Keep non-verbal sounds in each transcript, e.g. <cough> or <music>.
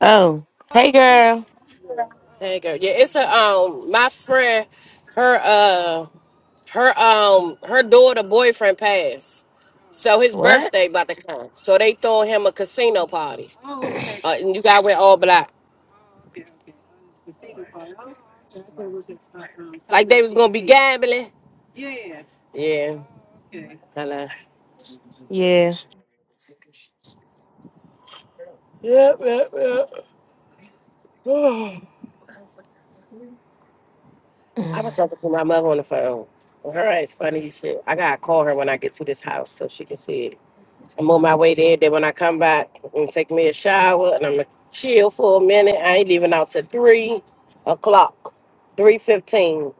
Oh, hey girl. There you go. Yeah, it's a um my friend, her uh her um her daughter boyfriend passed. So his What? birthday about to come. So they throwing him a casino party. Oh, okay. Uh, and you guys went all black. Okay, okay. Oh, casino party. Oh, okay. was just, uh, um, Like they was gonna be gambling. Yeah. Hello. Yeah. Yep, yep, yep. Oh, I was talking to my mother on the phone. Her ass funny as shit. I gotta call her when I get to this house so she can see it. I'm on my way there. Then when I come back, I'm gonna take me a shower and I'm gonna chill for a minute. I ain't leaving out till three o'clock, three fifteen.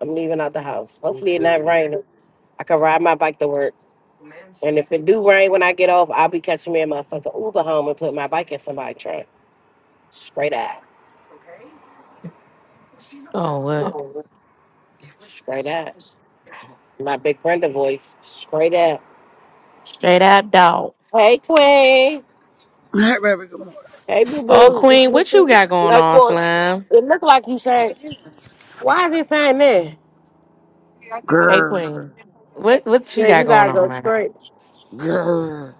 I'm leaving out the house. Hopefully it not raining. I can ride my bike to work. And if it do rain when I get off, I'll be catching me a motherfucking Uber home and put my bike in somebody's trunk. Straight out. Oh, what? Straight out. My big Brenda voice. Straight out. Straight out dog. Hey, Queen. Hey, baby, good morning. Hey, boo Oh, boo. you Queen, look. what you got going no, it's on, going- Slime? it look like you changed. Why is it saying that? Hey, Grr, Queen, what what you Man, you got going gotta go on, man? straight. grr.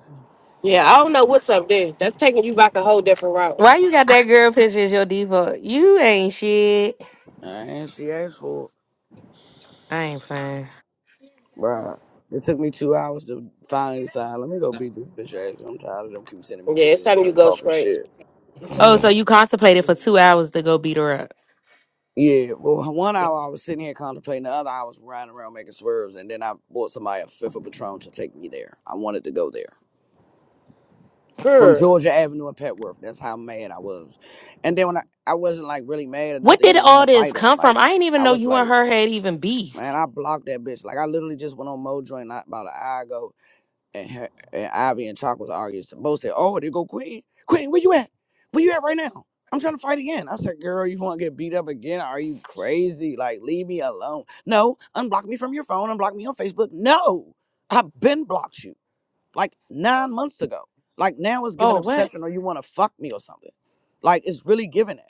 Yeah, I don't know what's up there. That's taking you back a whole different route. Why you got that girl picture as your default? You ain't shit. And she asked for it. I ain't playing. Bruh. It took me two hours to finally decide, let me go beat this bitch ass. I'm tired of them keep sending me Yeah, it's videos of time you her go talking straight. shit. Oh, so you contemplated for two hours to go beat her up. yeah, well, one hour I was sitting here contemplating, the other I was riding around making swerves, and then I bought somebody a fifth of Patron to take me there. I wanted to go there. From Pure. Georgia Avenue and Petworth. That's how mad I was. And then when I, I wasn't like really mad enough What to did even want all to this fight her. come from? Like, I didn't even I know was you and like, her had even Man, beef. I blocked that bitch. Like I literally just went on Mojo and not about an hour ago, and her, and Ivy and Chalk was arguing. So Bo said, "Oh, there go Queen. Queen, where you at? Where you at right now? I'm trying to fight again." I said, "Girl, you want to get beat up again? Are you crazy? Like, leave me alone. No, unblock me from your phone. Unblock me on Facebook. No, I've been blocked you like nine months ago. Like now it's giving Oh, what? obsession, or you want to fuck me or something. Like it's really giving it."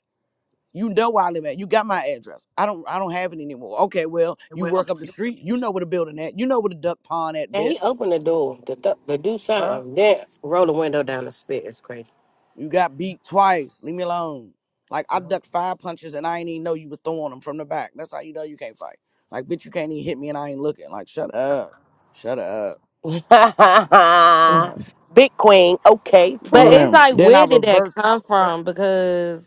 You know where I live at. You got my address. I don't I don't have it anymore. Okay, well, you work up the street. You know where the building at. You know where the duck pond at, And bitch. he opened the door to, th- to do Huh? something, then roll the window down and spit. It's crazy. You got beat twice. Leave me alone. Like I ducked five punches and I ain't even know you was throwing them from the back. That's how you know you can't fight. Like, bitch, you can't even hit me and I ain't looking. Like, shut up. Shut up. Uh, <laughs> Big queen. Okay, But you pure. hear it's me? like, Then I where did that reversed come from? Because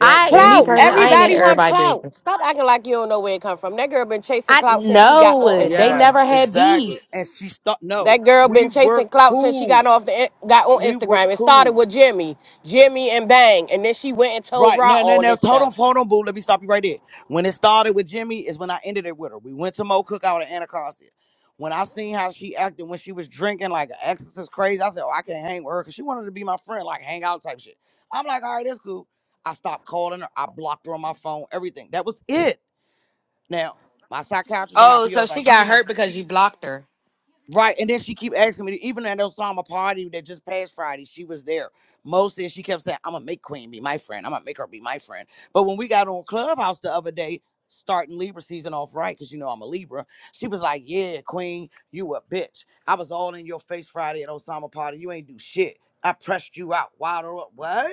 that I, day me when Clout. we was personally, I on ain't here. in Everybody want everybody clout. business. Stop acting like you don't know where it come from. That girl been chasing I clout since she got on no, they Yes, Instagram. never had exactly. beef. And she stopped. That No, girl we been chasing were clout since she got cool. off the got on We were Instagram. It started cool. with Jimmy, Jimmy and Bang, and then she went and told Right Ra now, now, all now, this hold on, stuff. hold on, boo. Let me stop you right there. When it started with Jimmy, is when I ended it with her. We went to Mo Cookout at Anacostia. When I seen how she acted when she was drinking, like an exorcist crazy, I said, "Oh, I can't hang with her," because she wanted to be my friend, like hang out type shit. I'm like, "All right, that's cool." I stopped calling her. I blocked her on my phone. Everything. That was it. Now, my psychiatrist and my Oh, PO so was she like, "You got need to." hurt because you blocked her. Right, and then she keep asking me, even at Osama party that just passed Friday, she was there. Mostly, and she kept saying, "I'm gonna make Queen be my friend. I'm gonna make her be my friend." But when we got on Clubhouse the other day, starting Libra season off right, because you know I'm a Libra, she was like, "Yeah, Queen, you a bitch. I was all in your face Friday at Osama party. You ain't do shit. I pressed you out. Wild her up. What?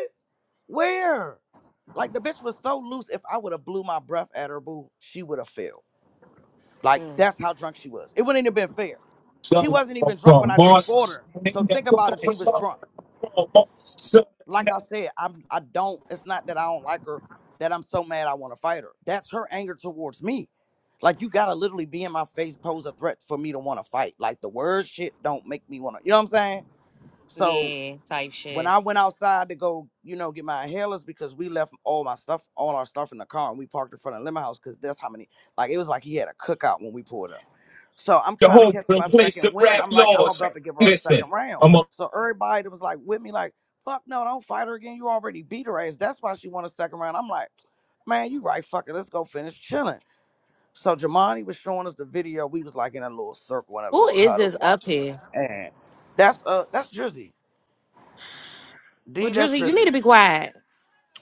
Where? Like the bitch was so loose. If I would have blew my breath at her, boo, she would have failed. Like Mm, that's how drunk she was. It wouldn't have been fair. She wasn't even drunk when I just fought her. So think about if she was drunk. Like I said, I'm I don't it's not that I don't like her that I'm so mad I want to fight her. That's her anger towards me. Like you gotta literally be in my face, pose a threat for me to want to fight. Like the word shit don't make me wanna, you know what I'm saying? So yeah, type when shit. I went outside to go, you know, get my inhalers because we left all my stuff, all our stuff in the car, and we parked in front of Lemon House because that's how many. Like it was like he had a cookout when we pulled up. So I'm trying to catch my second win. I'm like, I'm about to give her a second round. So everybody that was like with me, like, fuck no, don't fight her again. You already beat her ass. That's why she won a second round. I'm like, man, you right, fuck it. Let's go finish chilling. So Jamani was showing us the video. We was like in a little circle in a Who little is this huddle up watching it. here? And that's uh that's Drizzy. Well, D that's Drizzy, you need Drizzy. to be quiet.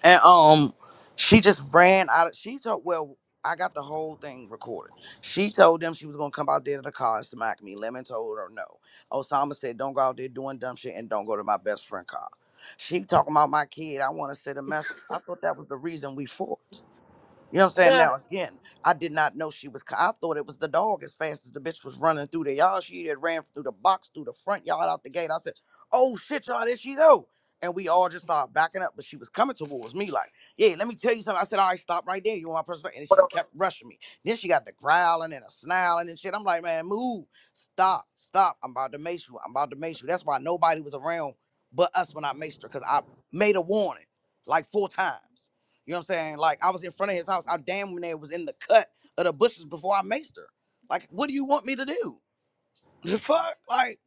and um she just ran out of she told well i got the whole thing recorded she told them she was gonna come out there to the car and smack me lemon told her no osama said don't go out there doing dumb shit and don't go to my best friend car she talking about my kid i want to send a message i thought that was the reason we fought you know what I'm <laughs> saying? okay, Now again, I did not know she was. co- I thought it was the dog. As fast as the bitch was running through the yard, she had ran through the box, through the front yard, out the gate. I said, "Oh shit, y'all, there she go!" And we all just started backing up, but she was coming towards me like, "Yeah, let me tell you something." I said, "All right, stop right there. You want my personal?" And she kept rushing me. Then she got the growling and a snarling and shit. I'm like, "Man, move! Stop! Stop! I'm about to mace you. I'm about to mace you." That's why nobody was around but us when I maced her, cause I made a warning like four times. You know what I'm saying? Like I was in front of his house. I damn near was in the cut of the bushes before I maced her. Like, what do you want me to do? <laughs> The fuck? Like,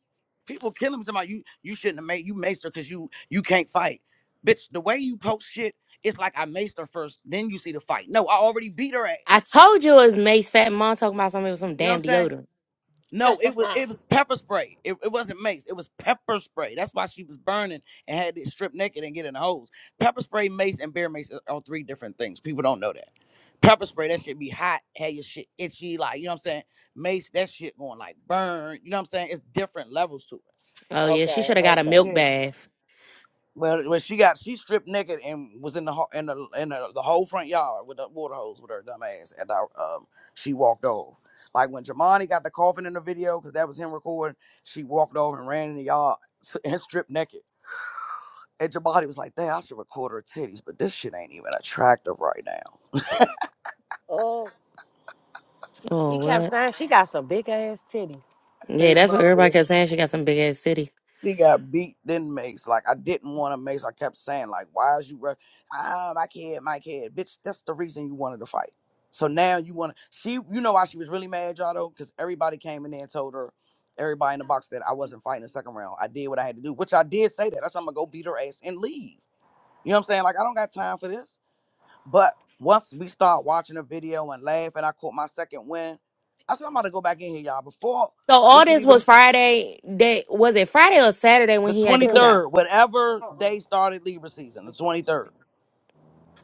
people killing me about you you shouldn't have made you maced her because you you can't fight. Bitch, the way you post shit, it's like I maced her first, then you see the fight. No, I already beat her I ass. told you it was Mace fat mom talking about something with some You know what I'm damn saying? deodorant. No, it was it was pepper spray. It, it wasn't mace. It was pepper spray. That's why she was burning and had to strip naked and get in the hose. Pepper spray, mace, and bear mace are three different things. People don't know that. Pepper spray, that shit be hot, had your shit itchy, like you know what I'm saying. Mace, that shit going like burn. You know what I'm saying? It's different levels to it. Oh yeah, she should have got a okay. milk Yeah. bath. Well, well, she got she stripped naked and was in the ho- in the in the, the whole front yard with the water hose with her dumb ass. And I, um, she walked over. Like when Jamani got the coffin in the video, because that was him recording. She walked over and ran in the yard <laughs> and stripped naked. And Jamani was like, "Dang, I should record her titties, but this shit ain't even attractive right now." Oh, he Oh kept what? saying she got some big ass titties. Hey, Yeah, that's what everybody bro. kept saying. She got some big ass city. She got beat, then Mace. Like I didn't want to Mace. I kept saying, like, why is you rush? Ah, my kid, my kid, bitch. That's the reason you wanted to fight. So now you want to. She, you know why she was really mad, y'all though, because everybody came in there and told her, everybody in the box that I wasn't fighting the second round. I did what I had to do, which I did say that. That's I'm gonna go beat her ass and leave. You know what I'm saying? Like I don't got time for this. But once we start watching the video and laugh, and I caught my second win, I said I'm about to go back in here, y'all. Before So we all can this even was Friday. That was it Friday or Saturday when the he had the Excuse me. cookout. 23rd, whatever day started Libra season, the 23rd.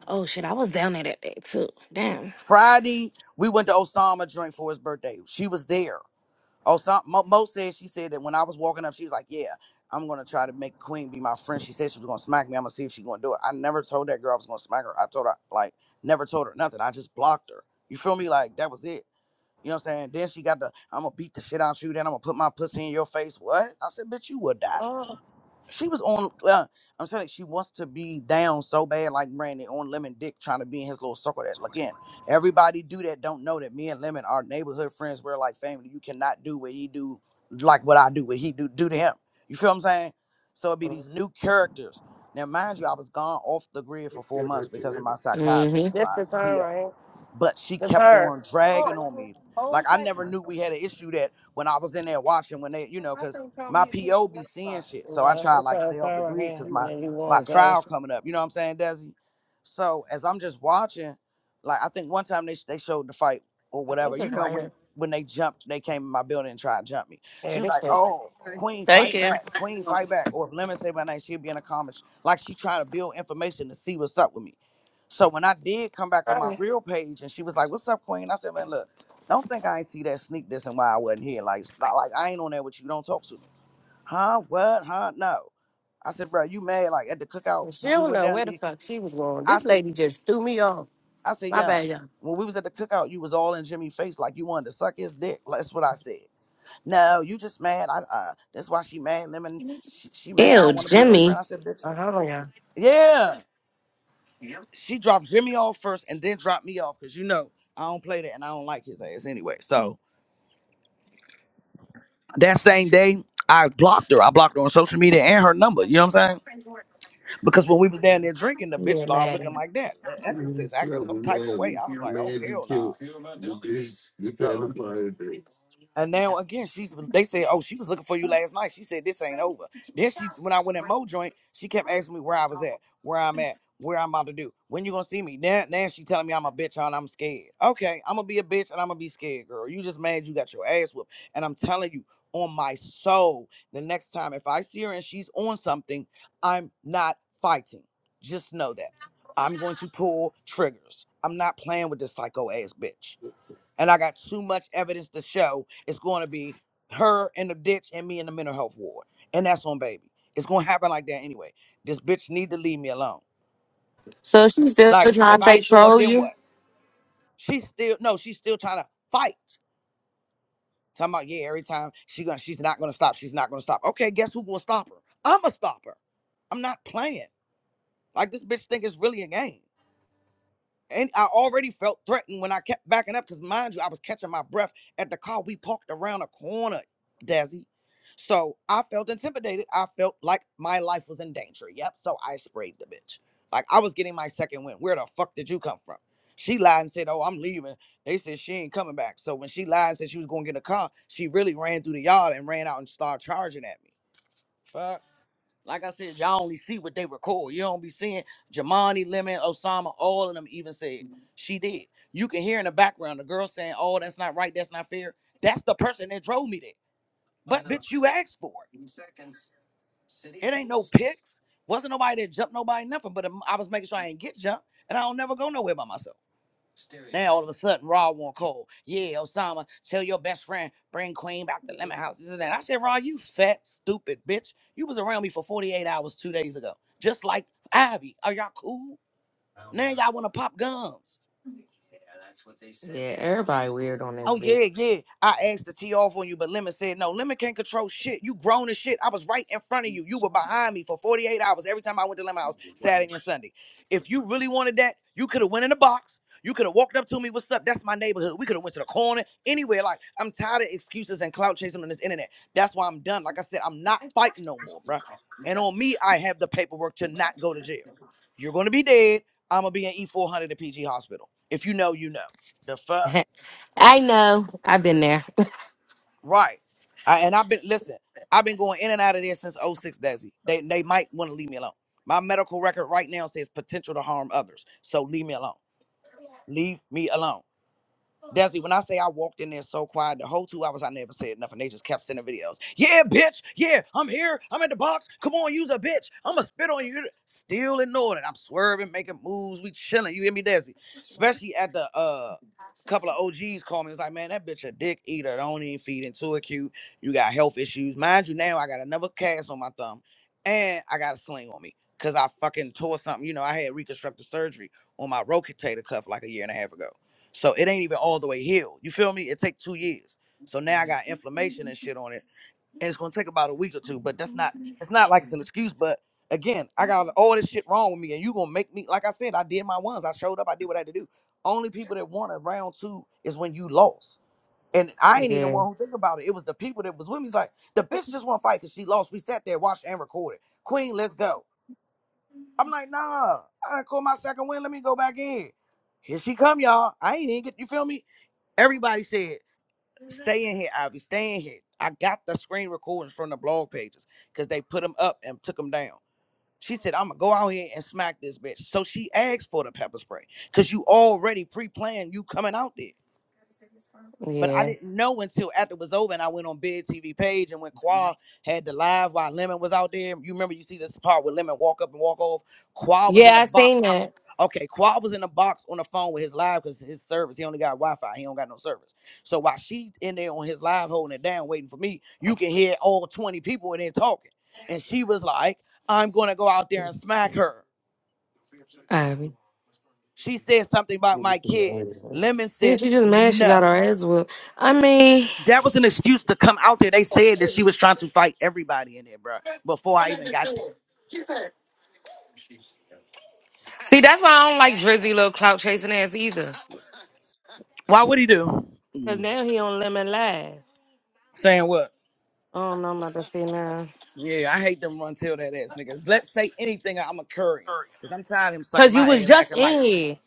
Oh shit, I was down there that day too. Damn. Friday, we went to Osama drink for his birthday. She was there. Osama Mo, Mo said she said that when I was walking up, she was like, "Yeah, I'm gonna try to make Queen be my friend." She said she was gonna smack me. I'm gonna see if she's gonna do it. I never told that girl I was gonna smack her. I told her like never told her nothing. I just blocked her. You feel me? Like that was it. You know what I'm saying? Then she got the I'm gonna beat the shit out you. Then I'm gonna put my pussy in your face. What? I said, bitch, you would die. Oh, She was on. Uh, I'm telling you, she wants to be down so bad, like Brandon on Lemon Dick, trying to be in his little circle. That again, everybody do that. Don't know that me and Lemon are neighborhood friends. We're like family. You cannot do what he do, like what I do, what he do, do to him. You feel what I'm saying? So it be these new characters. Now, mind you, I was gone off the grid for four months because of my psychiatrist and this my the turn PO right here. but she The kept turn. on dragging on Oh, me. Like hold I tight. never knew we had an issue that when I was in there watching when they, you know, My because thing told my me to turn PO the be left side. seeing shit. So I No, try to I'm like trying stay to off turn the right grid because here, and my then you my won't go. trial coming up. You know what I'm saying, Desi? So as I'm just watching, like I think one time they they showed the fight or I whatever. think You it's know right when here. when they jumped, they came in my building and tried to jump me. She Yeah, was this like, is. "Oh, Queen, Thank fight you. back! Queen, fight back!" Or if Lemon say my name, she'd be in the comments like she trying to build information to see what's up with me. So when I did come back on my Sorry. real page and she was like, What's up, Queen? I said, Man, look, don't think I ain't see that sneak this and why I wasn't here. Like, it's not like I ain't on there with you. Don't talk to me. Huh? What? Huh? No. I said, bro, you mad like at the cookout Well, she when we don't went know down where the there? fuck she was going. I This said, lady just threw me off. I said, My yeah. bad, y'all. When we was at the cookout, you was all in Jimmy's face like you wanted to suck his dick. Like, That's what I said. No, you just mad. I uh that's why she mad. Lemon, she, she mad. I Ew, don't want to be her friend. Jimmy. I said, bitch. Uh, hold on, y'all. Yeah. she dropped Jimmy off first and then dropped me off because you know I don't play that and I don't like his ass anyway. So that same day, I blocked her. I blocked her on social media and her number. You know what I'm saying? Because when we was down there drinking, the bitch Yeah, started looking man. like that. The exorcist acting some type of way. I was like, oh hell no. And now again, she's they said, Oh, she was looking for you last night. She said this ain't over. Then she when I went in Mo joint, she kept asking me where I was at, where I'm at, where I'm about to do. When you gonna see me? Now now she telling me I'm a bitch and I'm scared. Okay, I'm gonna be a bitch and I'm gonna be scared, girl. You just mad you got your ass whooped. And I'm telling you, on my soul, the next time if I see her and she's on something, I'm not fighting. Just know that. I'm going to pull triggers. I'm not playing with this psycho ass bitch and I got too much evidence to show. It's going to be her in the ditch and me in the mental health ward, and that's on baby. It's going to happen like that anyway. This bitch need to leave me alone. So she's still Like trying if to I fake ain't show up, troll then you? what? She's still no, she's still trying to fight. Talking about yeah, every time she gonna, she's not gonna stop. She's not gonna stop. Okay, guess who gonna stop her? I'ma stop her. I'm not playing. Like this bitch think it's really a game. and I already felt threatened when I kept backing up because, mind you, I was catching my breath at the car. We parked around a corner, Dazzy. So I felt intimidated. I felt like my life was in danger. Yep. So I sprayed the bitch. Like I was getting my second win. Where the fuck did you come from? She lied and said, Oh, I'm leaving. They said she ain't coming back. So when she lied and said she was going to get a car, she really ran through the yard and ran out and started charging at me. Fuck. Like I said, y'all only see what they record. You don't be seeing Jamani, Lemon, Osama, all of them even said she did. You can hear in the background the girl saying, Oh, that's not right, that's not fair. That's the person that drove me there. But bitch, you asked for it. It ain't no pics. Wasn't nobody that jumped nobody, nothing. But um, I was making sure I ain't get jumped and I don't never go nowhere by myself. Now all of a sudden, Raw want Cole. Yeah, Osama, tell your best friend, bring Queen back to Lemon House. This and that. I said, Raw, you fat, stupid bitch. You was around me for 48 hours two days ago. Just like Ivy. Are y'all cool? Now y'all want to pop gums. Oh yeah, yeah. I asked to tee off on you, but Lemon said no. Lemon can't control shit. You grown as shit. I was right in front of you. You were behind me for 48 hours every time I went to Lemon House Saturday and Sunday. If you really wanted that, you could have went in the box. You could have walked up to me. What's up? That's my neighborhood. We could have went to the corner anywhere. Like I'm tired of excuses and clout chasing on this internet. That's why I'm done. Like I said, I'm not fighting no more, bruh. And on me, I have the paperwork to not go to jail. You're gonna be dead. I'm gonna be in E400 at PG Hospital. If you know, you know. The fuck. <laughs> I know. I've been there. Right. I, and I've been listen. I've been going in and out of there since '06, Desi. They they might want to leave me alone. My medical record right now says potential to harm others, so leave me alone. Leave me alone. Desi, when I say I walked in there so quiet, the whole two hours I never said nothing. They just kept sending videos. Yeah, bitch. Yeah, I'm here. I'm at the box. Come on, use a bitch. I'ma spit on you. Still ignored it. I'm swerving, making moves. We chilling. You hear me, Desi? Especially at the uh couple of OGs called me. It's like, man, that bitch a dick eater. Don't even feed into it cute. You got health issues. Mind you, now I got another cast on my thumb. And I got a sling on me. Cause I fucking tore something. You know, I had reconstructive surgery on my rotator cuff like a year and a half ago. So it ain't even all the way healed. You feel me? It take two years. So now I got inflammation and shit on it. And it's gonna take about a week or two. But that's not it's not like it's an excuse, but again, I got all this shit wrong with me, and you gonna make me like I said, I did my ones. I showed up, I did what I had to do. Only people that won a round two is when you lost. And I ain't even the one who think about it. It was the people that was with me. It's like, the bitch just want to fight because she lost. We sat there, watched and recorded. Queen, let's go. I'm like, nah, I done caught my second win. Let me go back in. Here she come, y'all. I ain't even get, you feel me? Everybody said, stay in here, Ivy, stay in here. I got the screen recordings from the blog pages because they put them up and took them down. She said, I'm gonna go out here and smack this bitch. So she asked for the pepper spray because you already pre planned you coming out there. But I Yeah. didn't know until after it was over and I went on Big TV page and when Qua had the live while Lemon was out there. You remember you see this part where Lemon walk up and walk off. Qua was in Yeah, the I box. seen that. Okay, Qua was in the box on the phone with his live because his service, he only got Wi-Fi. He don't got no service. So while she in there on his live holding it down, waiting for me, you can hear all 20 people in there talking. And she was like, I'm gonna go out there and smack her. Ivy. She said something about my kid. Lemon Yeah, said she just mad she no. got her ass whooped. I mean, That was an excuse to come out there. They said that she was trying to fight everybody in there, bro. Before I even got there. see, that's why I don't like Drizzy little clout chasing ass either. Why would he do? Cause now he on Lemon Live. Saying what? I don't know about to see now. Yeah, I hate them run till that ass niggas. Let's say anything, I'ma curry him. Cause I'm tired of him sucking Cause you my was ass, just acting like in here.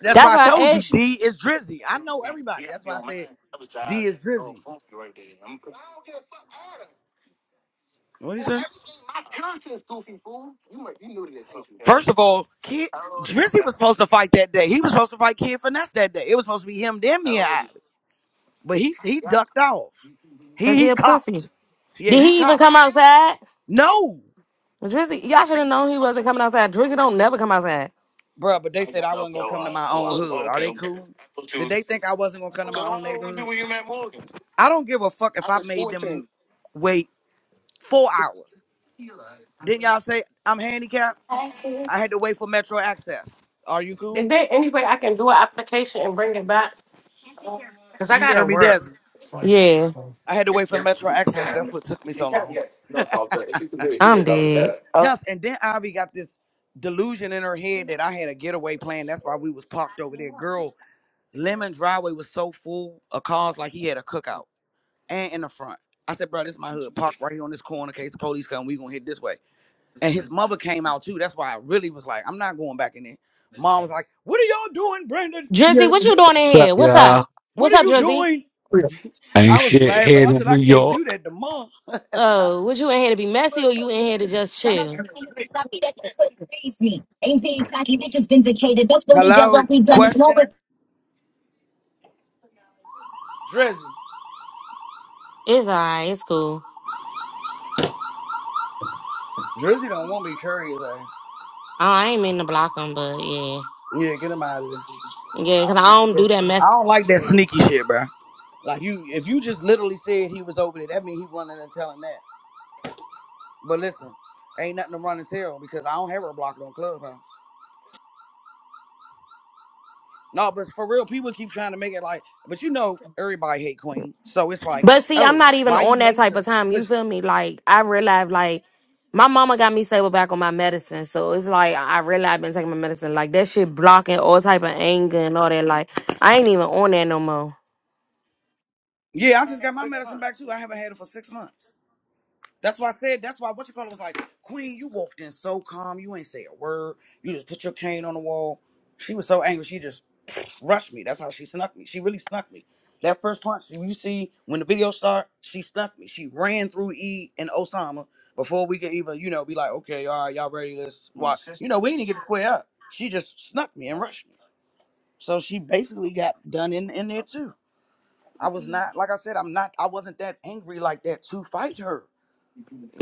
that's why That's I why told I you asked you. D is Drizzy. I know everybody. That's why I said D is Drizzy. What do you say? First of all, Kid Drizzy was supposed to fight that day. He was supposed to fight Kid Finesse that day. It was supposed to be him, then me and Ivy. But he he ducked off. He Cause he he a pussy. copped. Yeah, Did he he even copped. come outside? No, Drizzy, y'all should have known he wasn't coming outside. Drizzy don't never come outside. bruh, But they said I wasn't gonna come to my own hood. Are they cool? Did they think I wasn't gonna come to my own neighborhood? I don't give a fuck if I made them wait four hours. Didn't y'all say I'm handicapped? I had to wait for Metro Access. Are you cool? Is there any way I can do an application and bring it back? Cause I You hear gotta me, work. Desi. Yeah. I had to wait for Metro Access. That's what took me so long. I'm dead. Yes, and then Ivy got this delusion in her head that I had a getaway plan. That's why we was parked over there. Girl, Lemon Driveway was so full of cars like he had a cookout. and in the front. I said, bro, this is my hood. Park right here on this corner. In case the police come, we gonna hit this way. And his mother came out too. That's why I really was like, I'm not going back in there. Mom was like, What are y'all doing, Brandon? Drizzy, what you doing What's in up, here? What's up? y'all? What What's are up, you Drizzy? doing? Ain't I was shit laughing. here I in said, I New can't York. do that to mom. Oh, was you in here to be messy or you in here to just chill? Hello? Question? Drizzy. It's alright, it's cool. Drizzy don't want me curious. eh? Oh, I ain't mean to block them, but yeah. Yeah, get him out of there. Yeah, I because don't I like don't that. do that mess. I don't like that sneaky shit, bro. Like you if you just literally said he was over there, that means he running and telling that. But listen, ain't nothing to run and tell because I don't have her blocked on Clubhouse. No, but for real, people keep trying to make it like, but you know, everybody hate Queen, so it's like, But see, I'm oh, not even why you on that mace type of her? time. You Cause feel me? Like, I realized, like, my mama got me stable back on my medicine. So it's like, I really I've been taking my medicine. Like, that shit blocking all type of anger and all that. Like, I ain't even on that no more. yeah, I just got my medicine back too. I haven't had it for six months. That's why I said. That's why what you call it was like, Queen, you walked in so calm. You ain't say a word. You just put your cane on the wall. She was so angry. She just <sniffs> rushed me. That's how she snuck me. She really snuck me. That first punch, when you see when the video start, she snuck me. She ran through E and Osama before we could even, you know, be like, okay, all right, y'all ready? Let's watch. You know, we didn't get to square up. She just snuck me and rushed me. So she basically got done in in there too. I was not, like I said, I'm not, I wasn't that angry like that to fight her.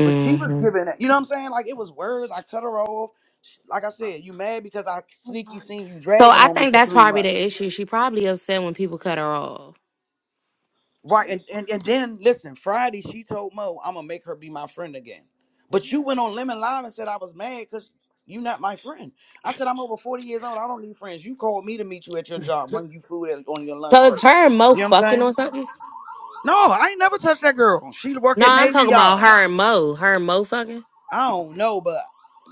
But she was giving that, you know what I'm saying? Like it was words. I cut her off. She- Like I said, you mad because I sneaky seen you So dragging I on me think for that's three probably the months. issue. She probably upset when people cut her off. Right. And and, and then listen, Friday she told Mo, I'm gonna make her be my friend again. But you went on Lemon Live and said I was mad because you not my friend. I said I'm over 40 years old. I don't need friends. You called me to meet you at your job, bring you food at, on your lunch So it's break. her and Mo You know what I'm fucking saying? or something? No, I ain't never touched that girl. She work No, at I'm Navy talking about Yard. her and Mo. Her and Mo fucking. I don't know, but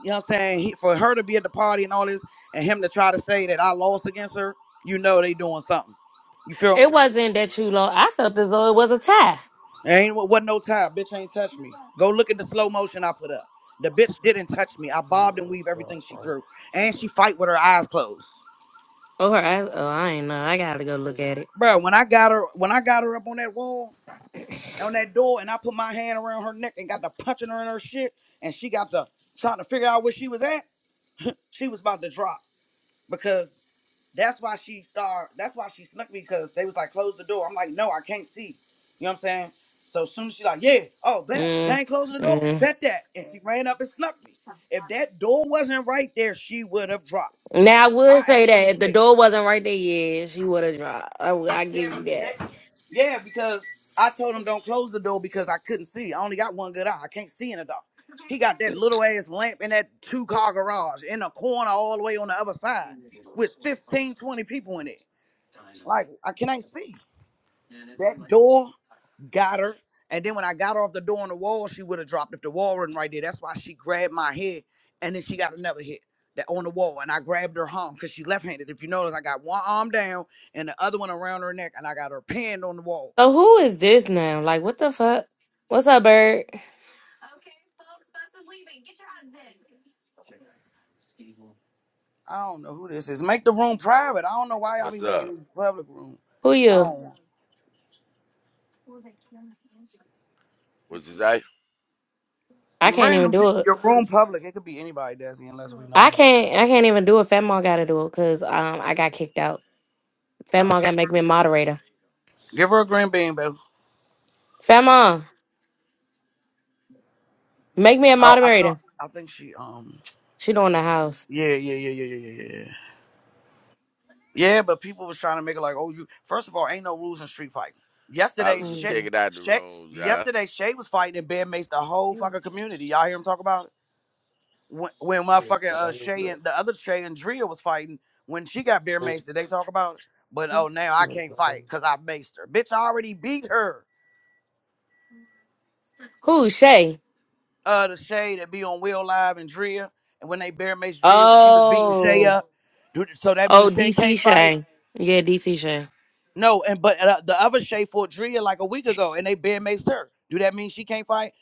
you know what I'm saying? He, for her to be at the party and all this, and him to try to say that I lost against her, you know they doing something. You feel me? It wasn't that you lost. I felt as though it was a tie. Ain't what wasn't no time. Bitch ain't touch me. Go look at the slow motion I put up. The bitch didn't touch me. I bobbed and weave everything she threw. And she fight with her eyes closed. Oh, her. I, oh, I ain't know. I gotta go look at it. Bro, when I got her, when I got her up on that wall, on that door, and I put my hand around her neck and got to punching her in her shit, and she got to trying to figure out where she was at, she was about to drop. Because That's why she started. That's why she snuck me because they was like, close the door. I'm like, no, I can't see. You know what I'm saying? So soon as she like, yeah, oh, bet they Mm, ain't closing the door. mm. Bet that, and she ran up and snuck me. If that door wasn't right there, she would have dropped. Now I would I say actually that if the say, door wasn't right there, yeah, she would have dropped. I, w- I yeah, give you but that. that, yeah, because I told him don't close the door because I couldn't see. I only got one good eye. I can't see in the dark. He got that little ass lamp in that two car garage in the corner all the way on the other side with 15, 20 people in it. Like I can't see. That door got her. And then when I got her off the door on the wall, she would have dropped if the wall wasn't right there. That's why she grabbed my head and then she got another hit that on the wall. And I grabbed her arm because she left-handed. If you notice, I got one arm down and the other one around her neck, and I got her pinned on the wall. So who is this now? Like, what the fuck? What's up, bird? I don't know who this is. Make the room private. I don't know why y'all What's be making up? these public room. Who I you? don't What you say? I can't even random people do it. your room public. It could be anybody, Desi, unless we know. I can't. I can't even do it. Fat mom got to do it because um I got kicked out. Fat mom got to make me a moderator. Give her a green bean, baby. Fat mom make me a Oh, I know moderator. I think she um She don't in the house. yeah, yeah, yeah, yeah, yeah, yeah. yeah, yeah. Yeah, but people was trying to make it like, oh, you. First of all, ain't no rules in street fighting. I Yesterday, was just Shay, checking out the Shay, rooms, y'all. yesterday Shay was fighting and Ben Mace the whole fucking community. Y'all hear him talk about it? When, when motherfucking uh, Shay and the other Shay and Drea was fighting when she got Bear Mace, did they talk about it? But oh, now I can't fight because I maced her. Bitch, I already beat her. Who Shay? Uh, the Shay that be on Will Live and Drea, and when they Bear Mace Drea when she was beating Shay Oh, up, dude, so that oh means Shay DC can't fight. Shay. Yeah, DC Shay. No, and but uh, the other Shay fought Drea like a week ago, and they bed maced her. Do that mean she can't fight?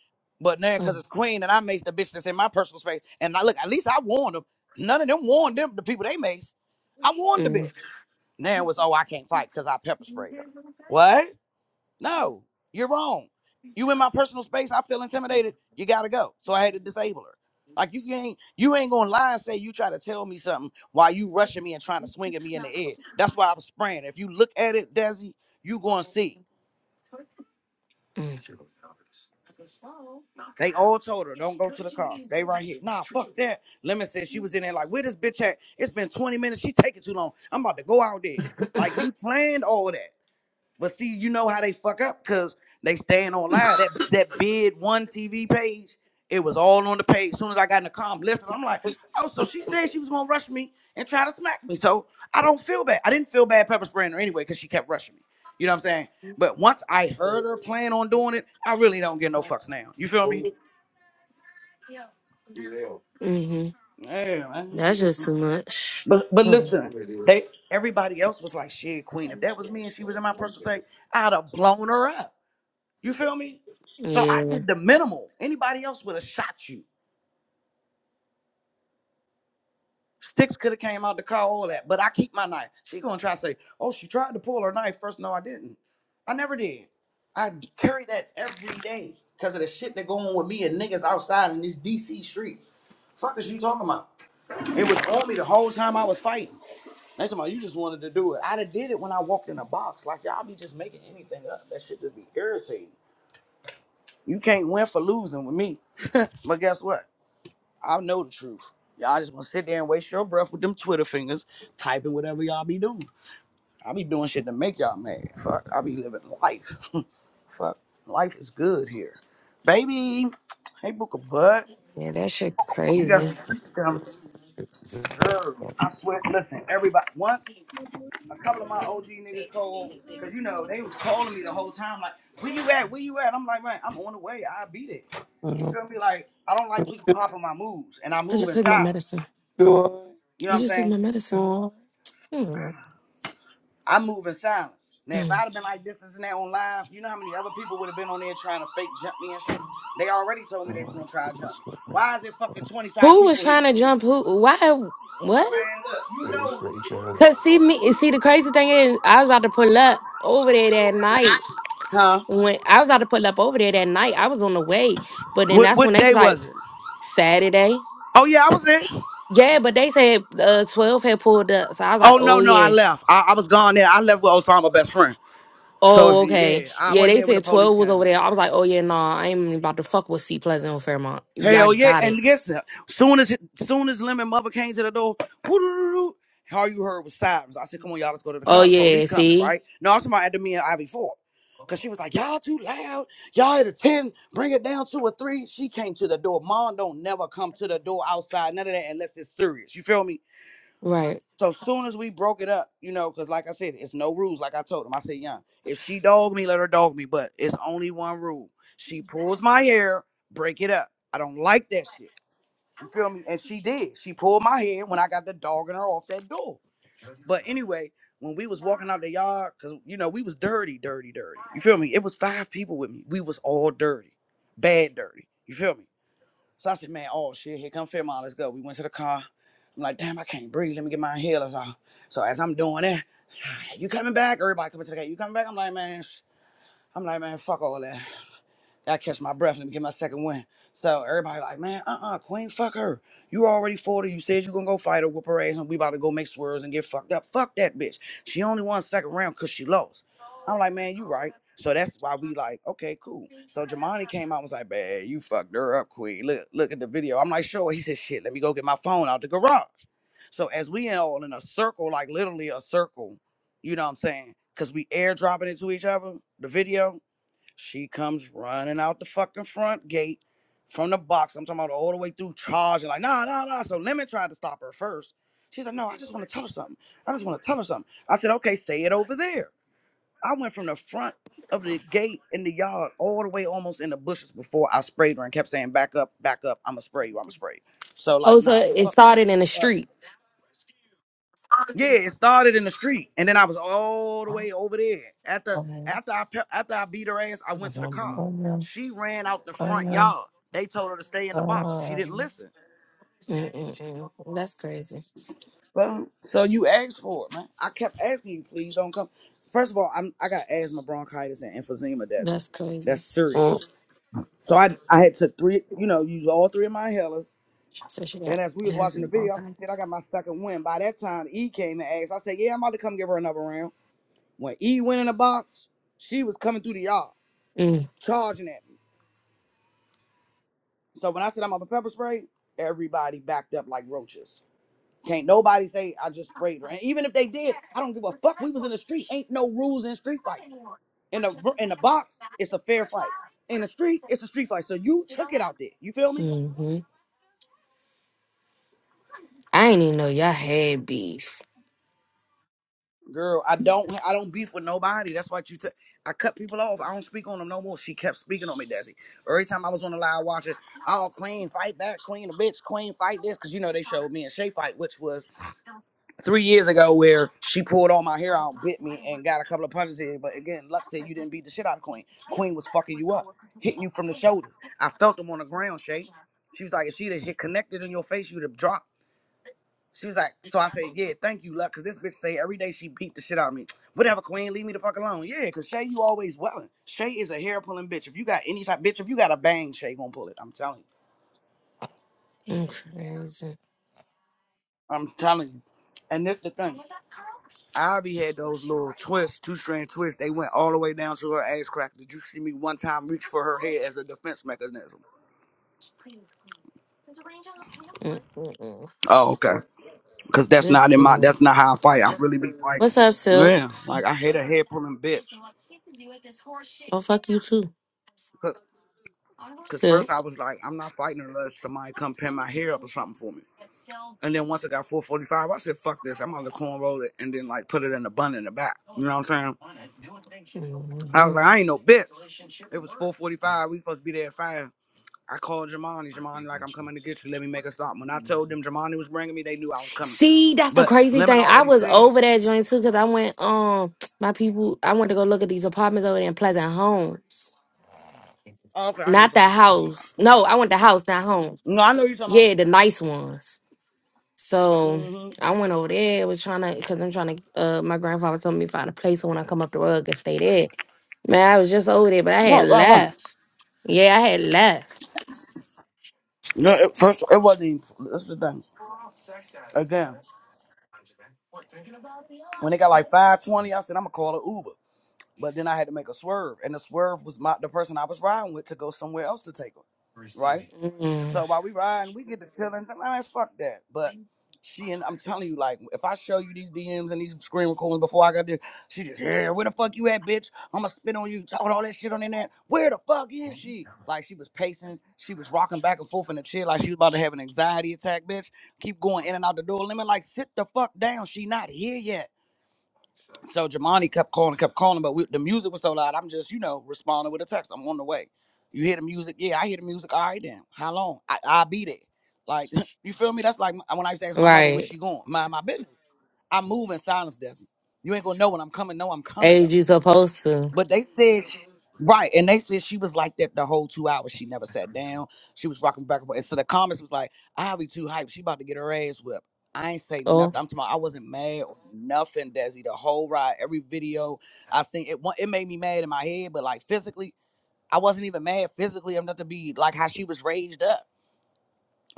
But now, because it's Queen, and I maced the bitch that's in my personal space, and I look, at least I warned them. None of them warned them, the people they maced. I warned the Mm, bitch. Now it's, oh, I can't fight because I pepper sprayed her. What? No, you're wrong. You in my personal space, I feel intimidated. You gotta go. So I had to disable her. Like you ain't you ain't gonna lie and say you try to tell me something while you rushing me and trying to swing at me in the air. That's why I was spraying. If you look at it, Desi, you gonna see. mm, They all told her, don't go to the car. Stay right here. Nah, fuck that. Lemon said she was in there like, where this bitch at? It's been 20 minutes. She taking too long. I'm about to go out there. Like you planned all that. But see, you know how they fuck up because they staying on live. That that bid one TV page, it was all on the page. As soon as I got in the com, listen, I'm like, oh, so she said she was gonna rush me and try to smack me. So I don't feel bad. I didn't feel bad pepper spraying her anyway because she kept rushing me. You know what I'm saying? But once I heard her plan on doing it, I really don't give no fucks now. You feel me? hmm Yeah, man. That's just too much. But but Mm. listen, they everybody else was like, shit, queen. If that was me and she was in my personal say, I'd have blown her up. You feel me? So I Yeah, did the minimal. Anybody else would have shot you. Sticks could have came out the car, all that. But I keep my knife. She gonna try to say, "Oh, she tried to pull her knife first. No, I didn't. I never did. I carry that every day because of the shit that go on with me and niggas outside in these DC streets. Fuck is you talking about? It was on me the whole time I was fighting. Next time you just wanted to do it. I'd have did it when I walked in a box. Like y'all be just making anything up. That shit just be irritating. You can't win for losing with me. <laughs> but guess what? I know the truth. Y'all just gonna sit there and waste your breath with them Twitter fingers, typing whatever y'all be doing. I be doing shit to make y'all mad. Fuck, I be living life. <laughs> Fuck, life is good here, baby. Hey, Booker Bud, yeah, that shit you got some crazy. treats coming, girl. I swear. Listen, everybody. Once a couple of my OG niggas Thank called, cause you know they was calling me the you. whole time, like, "Where you at? Where you at?" I'm like, "Man, I'm on the way. I'll be there." You feel me? Like, I don't like people copying my moves, and I I move just in took my silence. medicine. You know I what I'm just took saying? my medicine. Mm. I move in silence. Now, if I'd Mm. have been like this, this, and that on live, you know how many other people would have been on there trying to fake jump me and shit? They already told me they was gonna try to jump me. Why is it fucking 25 Who was people here? trying to jump? Who? Why? What? Man, look, you know. Cause see me, see the crazy thing is, I was about to pull up over there that night. Huh? When I was about to pull up over there that night, I was on the way. But then What that's when what they day was like was it? Saturday. Oh yeah, I was there. Yeah, but they said uh, twelve had pulled up, so I was like, Oh no, oh no, I yeah, left. I, I was gone there. I left with Osama best friend. So if oh okay, yeah, I yeah. wasn't They there when the said police twelve was over came. there. I was like, oh yeah, nah, I ain't even about to fuck with C Pleasant or Fairmont. Y'all Hell yeah, got it. and guess what? Soon as soon as Lemon Mother came to the door, woo-doo-doo-doo, all you heard was sirens. I said, "Come on, y'all, let's go to the Oh car. The police yeah, coming, see, right?" No, I'm talking about after me and Ivy Ford, cause she was like, "Y'all too loud. Y'all at a ten, bring it down to a three. She came to the door. Mom don't never come to the door outside, none of that, unless it's serious. You feel me? right. So soon as we broke it up, you know, cause like I said, it's no rules. Like I told him, I said, "Young, if she dog me, let her dog me, but it's only one rule. She pulls my hair, break it up. I don't like that shit." You feel me? And she did. She pulled my hair when I got the dog and her off that door. But anyway, when we was walking out the yard, cause you know we was dirty, dirty, dirty. You feel me? It was five people with me. We was all dirty, bad dirty. You feel me? So I said, man, oh shit, here come Fairmont. Let's go. We went to the car. I'm like, damn, I can't breathe. Let me get my inhalers out. So as I'm doing that, <sighs> you coming back? Everybody coming to the gate. You coming back? I'm like, man, sh-" I'm like, man, fuck all that. I catch my breath. Let me get my second win. So everybody like, man, uh-uh, Queen, fuck her. You already 40. You said you gonna go fight her, whoop her ass, and we about to go make swerves and get fucked up. Fuck that bitch. She only won second round because she lost. I'm like, man, you right. So that's why we like, okay, cool. So Jamani came out and was like, man, you fucked her up, Queen. Look, look at the video. I'm like, sure. He said, shit, let me go get my phone out the garage. So as we all in a circle, like literally a circle, you know what I'm saying? Because we airdropping it to each other, the video. She comes running out the fucking front gate from the box. I'm talking about all the way through charging, like, nah, nah, nah. So Lemon tried to stop her first. She's like, no, I just want to tell her something. I just want to tell her something. I said, okay, say it over there. I went from the front of the gate in the yard all the way almost in the bushes before I sprayed her and kept saying, back up, back up. I'm going to spray you. I'm going to spray you. So, Oh, like, so nah, it fuck no. started in the Fuck. street. Yeah, it started in the street, and then I was all the way over there. After after I pe- after I beat her ass, I went to the car. She ran out the front yard. They told her to stay in the box. She didn't listen. Mm, So so you asked for it, man. I kept asking you, please don't come. First of all, I'm I got asthma, bronchitis, and emphysema, Desi. That's That's crazy. serious. So I I had took three, you know, used all three of my inhalers. And as we was watching the video, I said, shit, I got my second win. By that time, E came and asked. I said, yeah, I'm about to come give her another round. When E went in the box, she was coming through the yard, charging at me. So when I said I'm up a pepper spray, everybody backed up like roaches. Can't nobody say I just sprayed her. And even if they did, I don't give a fuck. We was in the street. Ain't no rules in street fighting. In the in the box, it's a fair fight. In the street, it's a street fight. So you took it out there. You feel me? hmm I ain't even know y'all had beef. Girl, I don't I don't beef with nobody. That's what you t- I cut people off. I don't speak on them no more. She kept speaking on me, Desi. Every time I was on the live watching, oh Queen, fight that, Queen, a bitch, Queen, fight this. Cause you know they showed me and Shay fight, which was three years ago where she pulled all my hair out, bit me, and got a couple of punches in. But again, Luck said you didn't beat the shit out of Queen. Queen was fucking you up, hitting you from the shoulders. I felt them on the ground, Shay. She was like, if she'd have hit connected in your face, you'd have dropped. She was like, so I said, yeah, thank you, luck, cause this bitch say every day she beat the shit out of me. Whatever, queen, leave me the fuck alone. Yeah, cause Shay, you always welling. Shay is a hair pulling bitch. If you got any type, bitch, if you got a bang, Shay gonna pull it. I'm telling you. I'm crazy. I'm telling you. And this the thing. Ivy had those little twists, two strand twists. They went all the way down to her ass crack. Did you see me one time reach for her head as a defense mechanism? Mm-mm-mm. Oh, okay. Cause that's This not in too my. much. That's not how I fight. I really be fighting. What's up, Silk? Yeah, like I hate a head pulling bitch. Oh, fuck you too, Cause first I Silk. was like, I'm not fighting unless somebody come pin my hair up or something for me. And then once I got 445, I said, fuck this. I'm gonna cornroll it and then like put it in a bun in the back. You know what I'm saying? I was like, Mhm. I ain't no bitch. It was 445. We supposed to be there at five. I called Jamani. Jamani, like, I'm coming to get you. Let me make a stop. When I told them Jamani was bringing me, they knew I was coming. See, that's the But crazy Lemon thing. I already was said, over that joint too because I went, um, my people, I went to go look at these apartments over there in Pleasant Home. oh, okay, I know you're Not the talking house. No, I went the house, not home. about. No, I know you're talking about. Yeah, the nice ones. So Mm-hmm. I went over there, was trying to, because I'm trying to, uh, my grandfather told me find a place so when I come up the road, I could stay there. Man, I was just over there, but I had Right, right, right. left. Yeah, I had left. No, it, first, it wasn't even, that's the thing. Again, when they got like 520, I said, I'm going to call an Uber. But then I had to make a swerve, and the swerve was my the person I was riding with to go somewhere else to take her, right? So Mm, while we riding, we get to chilling. I Man, fuck that. But she and I'm telling you, like, if I show you these DMs and these screen recordings before I got there, she just yeah, where the fuck you at, bitch? I'ma spit on you, talking all that shit on the internet. Where the fuck is she? Like she was pacing, she was rocking back and forth in the chair, like she was about to have an anxiety attack, bitch. Keep going in and out the door. Let me like sit the fuck down. She not here yet. So Jamani kept calling, kept calling, but we, the music was so loud. I'm just, you know, responding with a text. I'm on the way. You hear the music? Yeah, I hear the music. All right, then. How long? I, I'll be there. Like, <laughs> you feel me? That's like m- when I used to ask my mother where right. she going. Mind my business. I move in silence, Desi. You ain't gonna know when I'm coming. No, I'm coming though. As you supposed to. But they said, sh- right, and they said she was like that the whole two hours. She never sat down. She was rocking back and forth. And so the comments was like, "I'll be too hyped. She about to get her ass whipped." I ain't say nothing. Oh, I'm talking. about I wasn't mad or nothing, Desi. The whole ride, every video I seen, it wa- it made me mad in my head, but like physically, I wasn't even mad physically enough to be like how she was raged up.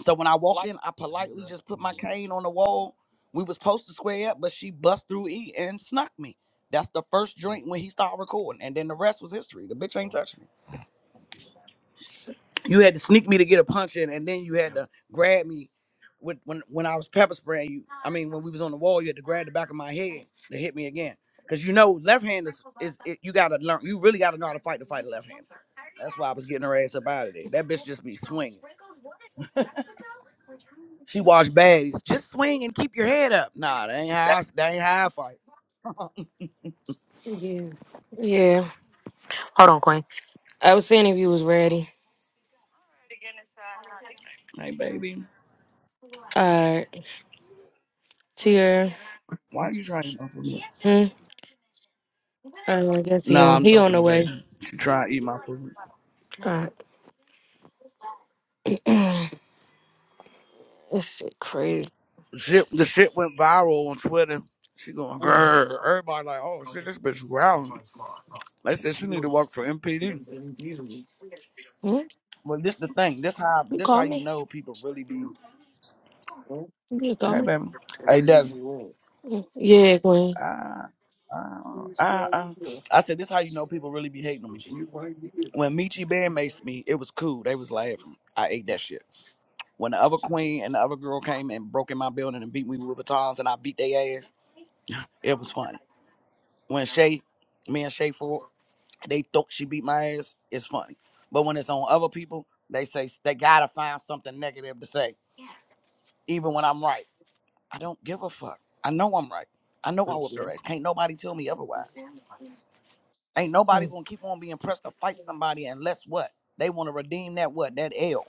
So when I walked in, I politely just put my cane on the wall. We was supposed to square up, but she bust through E and snuck me. That's the first drink when he started recording, and then the rest was history. The bitch ain't touched me. You had to sneak me to get a punch in, and then you had to grab me with when when I was pepper spraying you. I mean, when we was on the wall, you had to grab the back of my head to hit me again. Cause you know, left hand is is it, you gotta learn. You really gotta know how to fight to fight a left hand. That's why I was getting her ass up out of there. That bitch just be swinging. She watched baddies. Just swing and keep your head up. Nah, that ain't how I, that ain't how I fight. yeah. Yeah. Hold on, Queen. I was seeing if you was ready. <laughs> hey baby, All right. Tier. why are you trying to eat my food? Hmm. Uh, I guess he Nah, on I'm he on talking to the way. baby. She trying to eat my food. Uh, <clears throat> this shit crazy. Shit, the shit went viral on Twitter. She going grrr. Everybody like, oh shit, this bitch growling. They said she need to work for MPD. Hmm? Well, this the thing. This how You this how call you me? know people really be. You just call me? Hey baby. Hey Des. Yeah, Gwen. Uh, uh, uh, uh. I said this how you know people really be hating on me. when Michi Bear maced me, it was cool. They was laughing. I ate that shit. When the other queen and the other girl came and broke in my building and beat me with batons and I beat their ass, it was funny. When Shay, me and Shay Ford, they thought she beat my ass, it's funny. But when it's on other people, they say they gotta find something negative to say, even when I'm right. I don't give a fuck. I know I'm right. I know I whooped their ass. Can't nobody tell me otherwise. Ain't nobody gonna keep on being pressed to fight somebody unless what? They wanna redeem that what? That L.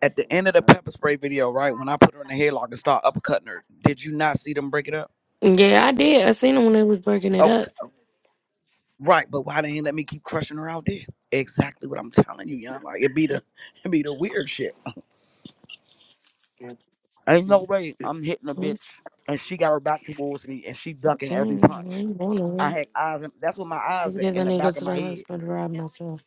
At the end of the pepper spray video, right when I put her in the headlock and start uppercutting her, did you not see them break it up? Yeah, I did. I seen them when they was breaking it up. Okay, right. But why they ain't let me keep crushing her out there? Exactly what I'm telling you, young. Like it be the <laughs> it be the weird shit. Ain't no way I'm hitting a bitch Okay, and she got her back towards me and she ducking I every punch. ain't going I nowhere. had eyes, in, that's where my eyes Just at because I in the need to go back of to my the head. hospital to rob myself.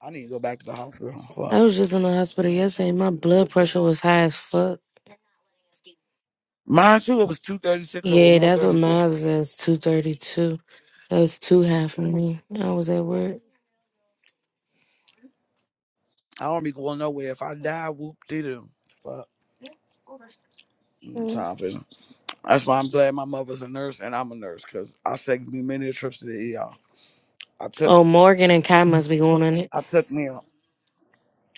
I need to go back to the hospital. huh, Fuck. I was just in the hospital yesterday. My blood pressure was high as fuck. Mine too. It was two thirty six over Yeah, one that's what thirty four. mine was at, 232. That was too high for me. I was at work. I don't be going nowhere. If I die, whoop did it. Fuck. Mm, Time for it. That's why I'm glad my mother's a nurse and I'm a nurse because I saved me many trips to the ER. I took Oh, Morgan and Kai must be going on it. I took me a-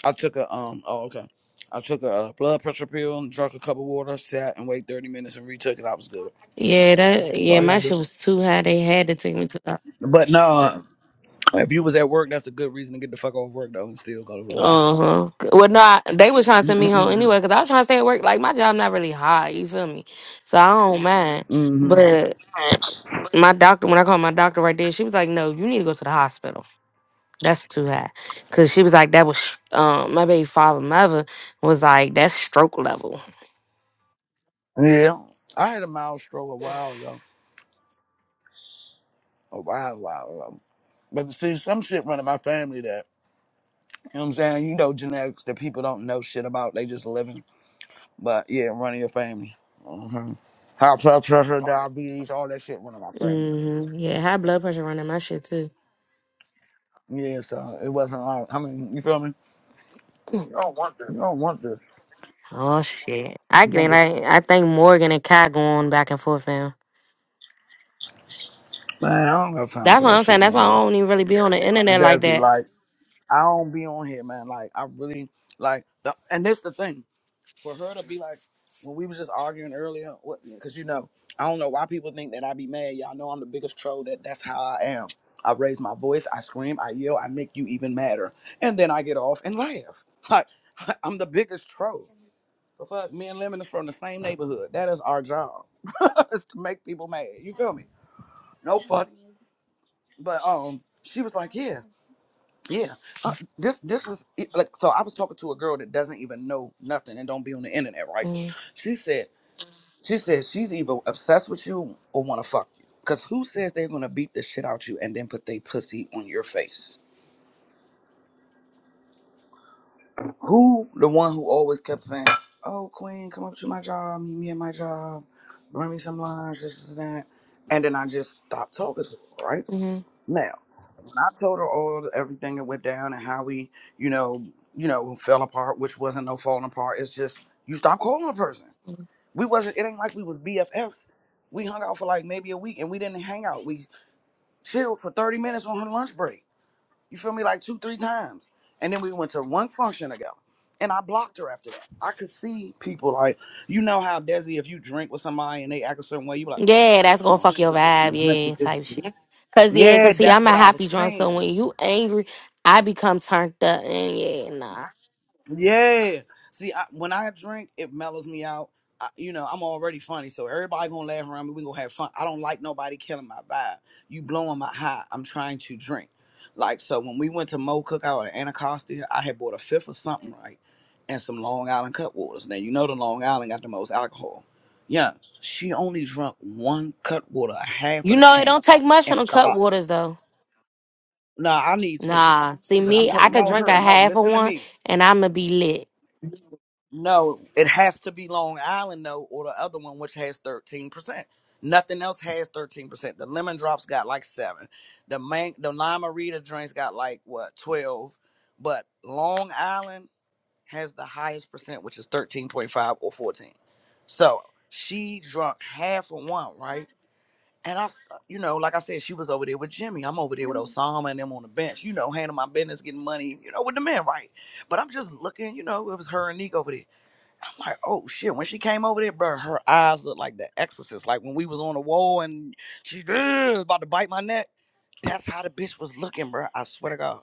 I took a um oh okay. I took a uh, blood pressure pill and drank a cup of water, sat and wait thirty minutes and retook it. I was good. Yeah, that That's all yeah, I my gotta do. shit was too high. They had to take me to the But no, uh, if you was at work, that's a good reason to get the fuck off work though and still go to the doctor. Uh huh. Well, not they was trying to send me home anyway mm-hmm. because I was trying to stay at work. Like my job not really hard, you feel me? So I don't mind. But my doctor, when I called my doctor right there, she was like, "No, you need to go to the hospital. That's too high." Because she was like, "That was um my baby father mother was like that's stroke level." Yeah, I had a mild stroke a while ago, a while, while ago. But see, some shit running my family that. You know what I'm saying? You know genetics that people don't know shit about. They just living. But yeah, running your family. hmm High blood pressure, diabetes, all that shit running my family. hmm Yeah, high blood pressure running my shit too. Yeah, so it wasn't all. I mean, you feel me? You don't want this. Oh shit! I You want think this. like I think Morgan and Kai going back and forth now. Man, I don't have time That's for what that I'm saying. shit That's no why I more. don't even really be on the internet like Desi, that. like, I don't be on here, man. Like, I really, like, the, and this the thing. for her to be like when we was just arguing earlier because you know i don't know why people think that i be mad y'all know i'm the biggest troll that that's how i am i raise my voice i scream i yell i make you even madder and then i get off and laugh like <laughs> i'm the biggest troll but fuck me and lemon is from the same neighborhood that is our job <laughs> is to make people mad you feel me no funny but um she was like yeah yeah uh, this this is like so i was talking to a girl that doesn't even know nothing and don't be on the internet right she said she says she's either obsessed with you or want to fuck you. Cause who says they're gonna beat the shit out you and then put they pussy on your face? Who the one who always kept saying, "Oh, Queen, come up to my job, meet me at my job, bring me some lunch, this this, and that," and then I just stopped talking to her. Right Mm-hmm. now, when I told her all everything that went down and how we, you know, you know, fell apart, which wasn't no falling apart. It's just you stop calling a person. We wasn't. It ain't like we was BFFs. We hung out for like maybe a week and we didn't hang out. We. chilled for 30 minutes on her lunch break. You feel me? Like two, three times. And then we went to one function ago. And I blocked her after that. I could see people like, you know how Desi, if you drink with somebody and they act a certain way, you be like, Yeah, that's gonna oh fuck your shit, I vibe, can't drink yeah, with this. type shit. Cause yeah, Yeah, cause see, that's I'm what a I was happy drunk, so saying. when you angry, I become turned up, and yeah, nah. Yeah. See, I, when I drink, it mellows me out. I, you know, I'm already funny, so everybody gonna laugh around me. We gonna have fun. I don't like nobody killing my vibe. You blowing my high. I'm trying to drink. Like so, when we went to Mo Cookout in Anacostia, I had bought a fifth of something right, and some Long Island cut waters. Now you know the Long Island got the most alcohol. Yeah, she only drunk one cut water, half You of the know, it can, don't take much and on the cut stop. waters though. Nah, I need two, Nah, see but I'm me, I talking could about drink a her. No, half of listen to one, me. and I'ma be lit. No, it has to be Long Island though, or the other one which has thirteen percent. Nothing else has thirteen percent. The lemon drops got like seven. The man, the lima rita drinks got like what twelve, but Long Island has the highest percent, which is thirteen point five or fourteen. So she drunk half of one, right? And I, s- you know, like I said, she was over there with Jimmy. I'm over there with Osama and them on the bench, you know, handling my business, getting money, you know, with the men, right? But I'm just looking, you know, it was her and Nick over there. I'm like, oh shit. When she came over there, bro, her eyes looked like the exorcist. Like when we was on the wall and she "Ugh," about to bite my neck. That's how the bitch was looking, bro. I swear to God.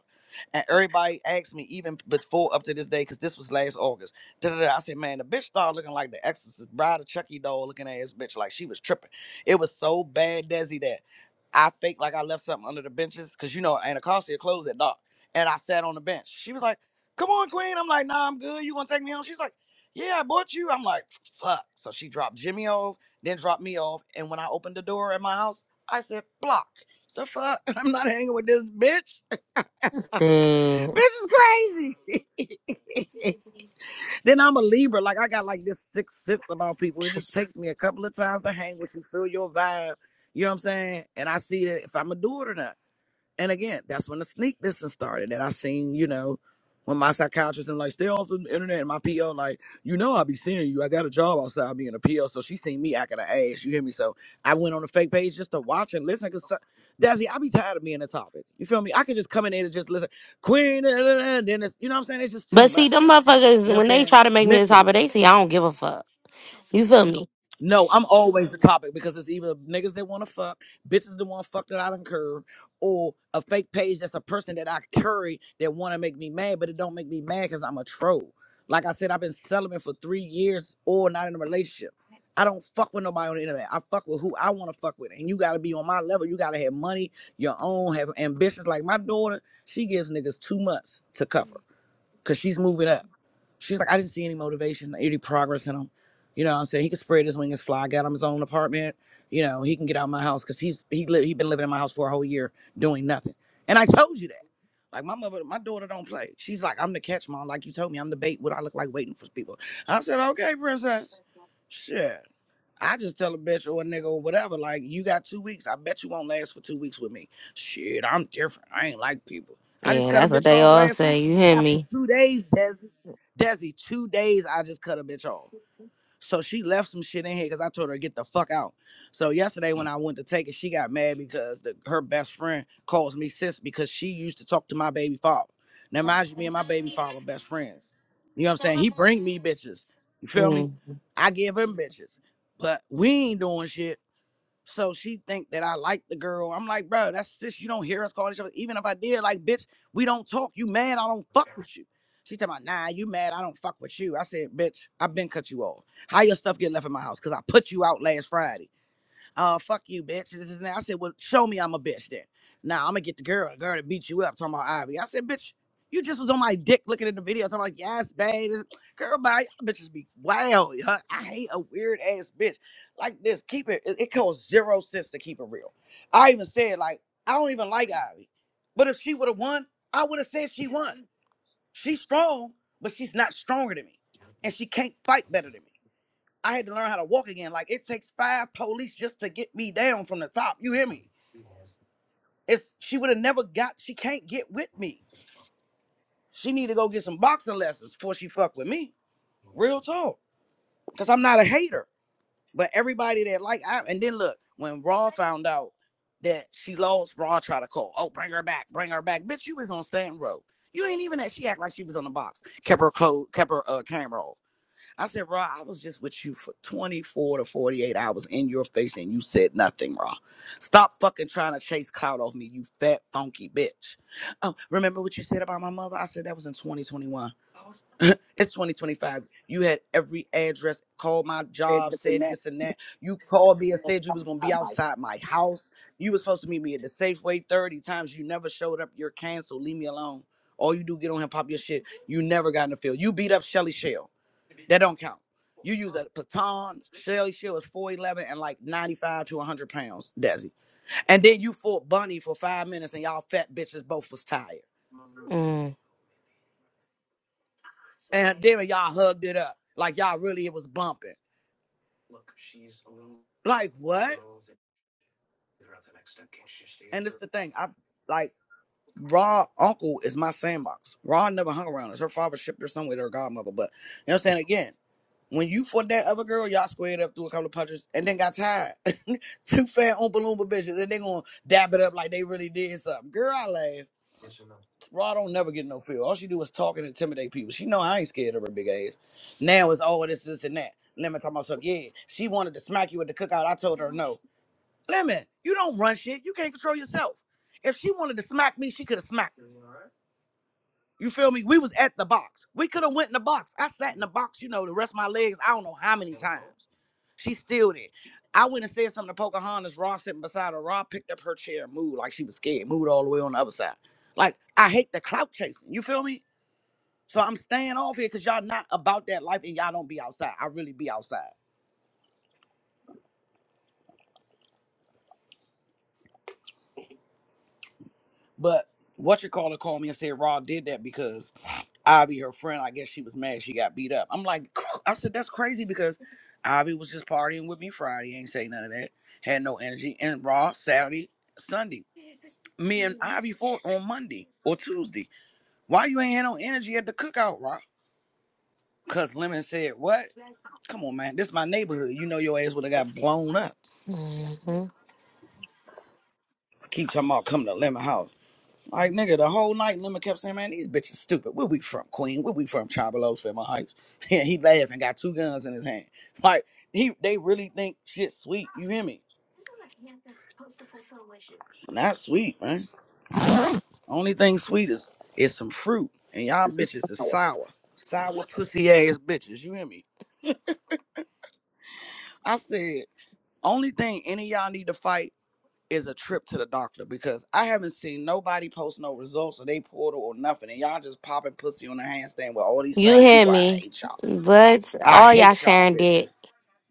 And everybody asked me even before up to this day, because this was last August. Da, da, da. I said, man, the bitch started looking like the Exorcist bride of Chucky doll looking ass bitch, like she was tripping. It was so bad, Desi, that I faked like I left something under the benches, because you know Anacostia closed at dark. And I sat on the bench. She was like, come on, Queen. I'm like, nah, I'm good. You gonna take me home? She's like, yeah, I bought you. I'm like, fuck. So she dropped Jimmy off, then dropped me off. And when I opened the door at my house, I said, block. The fuck? <laughs> I'm not hanging with this bitch. Then, Bitch is crazy. <laughs> then I'm a Libra. Like I got like this sixth sense about people. It just takes me a couple of times to hang with you, feel your vibe. You know what I'm saying? And I see that if I'm gonna do it or not. And again, that's when the sneak distance started. And I seen, you know, when my psychiatrist and like stay off the internet and my PO like, you know I be seeing you. I got a job outside of being a PO. So she seen me acting an ass. You hear me? So I went on the fake page just to watch and listen. Cause so- Dazzy, I be tired of being a topic. You feel me? I could just come in there and just listen. Queen, and then it's you know what I'm saying? It's just too but see, much. them You motherfuckers know what I'm when they saying? try to make me the Mentally. topic, they see I don't give a fuck. You feel me? No, I'm always the topic because it's either niggas that want to fuck, bitches that want to fuck that I done curve, or a fake page that's a person that I curry that want to make me mad, but it don't make me mad because I'm a troll. Like I said, I've been celibate for three years or not in a relationship. I don't fuck with nobody on the internet. I fuck with who I want to fuck with. And you got to be on my level. You got to have money, your own, have ambitions. Like my daughter, she gives niggas two months to cover because she's moving up. She's like, I didn't see any motivation, any progress in him. You know what I'm saying? He can spread his wings, fly, I got him his own apartment. You know, he can get out of my house because he's he li- he been living in my house for a whole year doing nothing. And I told you that. Like my mother, my daughter don't play. She's like, I'm the catch mom, like you told me, I'm the bait. What I look like waiting for people. I said, okay, princess. Shit. I just tell a bitch or a nigga or whatever, like, you got two weeks. I bet you won't last for two weeks with me. Shit, I'm different. I ain't like people. I just Yeah, cut a that's what bitch they off all last week. say. You hear After me? two days, Desi, Desi, two days, I just cut a bitch off. So she left some shit in here because I told her to get the fuck out. So yesterday when I went to take it, she got mad because the, her best friend calls me sis because she used to talk to my baby father. Now mind you, me and my baby father were best friends. You know what I'm saying? He bring me bitches. You feel me? Mm, I give him bitches. But we ain't doing shit so she think that I like the girl. I'm like, bro, that's sis. You don't hear us calling each other. Even if I did, like, bitch, we don't talk. You mad? I don't fuck with you. She talking about, nah, you mad? I don't fuck with you. I said, bitch, I've been cut you off. How your stuff get left in my house? Cause I put you out last Friday uh, fuck you, bitch. This is that. I said, well, show me I'm a bitch then. Now nah, I'm gonna get the girl, the girl to beat you up, talking about Ivy. I said, bitch, you just was on my dick looking at the video, talking about, yes, babe. Girl, bye, y'all bitches be wild. Huh? I hate a weird ass bitch like this. Keep it, it, it costs zero cents to keep it real. I even said, like, I don't even like Ivy. But if she would have won, I would have said she won. She's strong, but she's not stronger than me. And she can't fight better than me. I had to learn how to walk again. Like it takes five police just to get me down from the top. You hear me? It's she would have never got. She can't get with me. She need to go get some boxing lessons before she fuck with me. Real talk. Cause I'm not a hater. But everybody that like I and then look when Raw found out that she lost, Raw tried to call. Oh, bring her back, bring her back. Bitch, you was on stand road. You ain't even that. She act like she was on the box. Kept her code, kept her uh, camera off. I said, Ra, I was just with you for 24 to 48 hours in your face and you said nothing, Ra. Stop fucking trying to chase clout off me, you fat, funky bitch. Oh, remember what you said about my mother? I said that was in 2021. <laughs> it's 2025. You had every address, called my job, said this and that. You called me and said you was going to be outside my house. You was supposed to meet me at the Safeway 30 times. You never showed up. You're canceled. Leave me alone. All you do get on here, pop your shit. You never got in the field. You beat up Shelly Shell. That don't count. You use a Patton. Shelly Shield is 4'11 and like 95 to 100 pounds, Desi. And then you fought Bunny for five minutes and y'all fat bitches both was tired. mm, mm, And then y'all hugged it up. Like y'all really, it was bumping. Like what? And it's the thing. I like Raw uncle is my sandbox. Raw never hung around us. Her father shipped her somewhere to her godmother. But you know what I'm saying? Again, When you fought that other girl, y'all squared up through a couple of punches and then got tired. <laughs> Two fat Oompa Loompa bitches, and they gonna dab it up like they really did something. Girl, I laugh. Raw don't never get no feel. All she do is talk and intimidate people. She know I ain't scared of her big ass. Now it's all this, this, and that. Lemon talking about something. Yeah, she wanted to smack you at the cookout. I told her no. Lemon, you don't run shit. You can't control yourself. If she wanted to smack me, she could have smacked. You feel me? We was at the box. We could have went in the box. I sat in the box, you know, the rest of my legs, I don't know how many times. She still there. I went and said something to Pocahontas. Raw sitting beside her. Raw picked up her chair and moved like she was scared. Moved all the way on the other side. Like, I hate the clout chasing. You feel me? So I'm staying off here because y'all not about that life and y'all don't be outside. I really be outside. But what you call it called me and said Raw did that because Ivy, her friend, I guess she was mad she got beat up. I'm like, <clears throat> I said that's crazy because Ivy was just partying with me Friday, ain't say none of that, had no energy, and Raw Saturday, Sunday. Me and Ivy fought on Monday or Tuesday. Why you ain't had no energy at the cookout, Raw? Cause Lemon said, "What? Come on, man, this is my neighborhood. You know your ass would have got blown up." mhm. Keep talking about coming to Lemon House. Like nigga, the whole night Lemon kept saying, "Man, these bitches stupid. Where we from, Queen? Where we from, Travelos, Fairmont Heights?" <laughs> And he laughed and got two guns in his hand. Like he, they really think shit's sweet. You hear me? It's not sweet, man. Only thing sweet is is some fruit, and y'all bitches is sour, sour pussy ass bitches. You hear me? I said, only thing any of y'all need to fight is a trip to the doctor because I haven't seen nobody post no results of they portal or nothing, and y'all just popping pussy on the handstand with all these You same hear people. I me? hate y'all. But I all y'all hate y'all sharing bitches. did.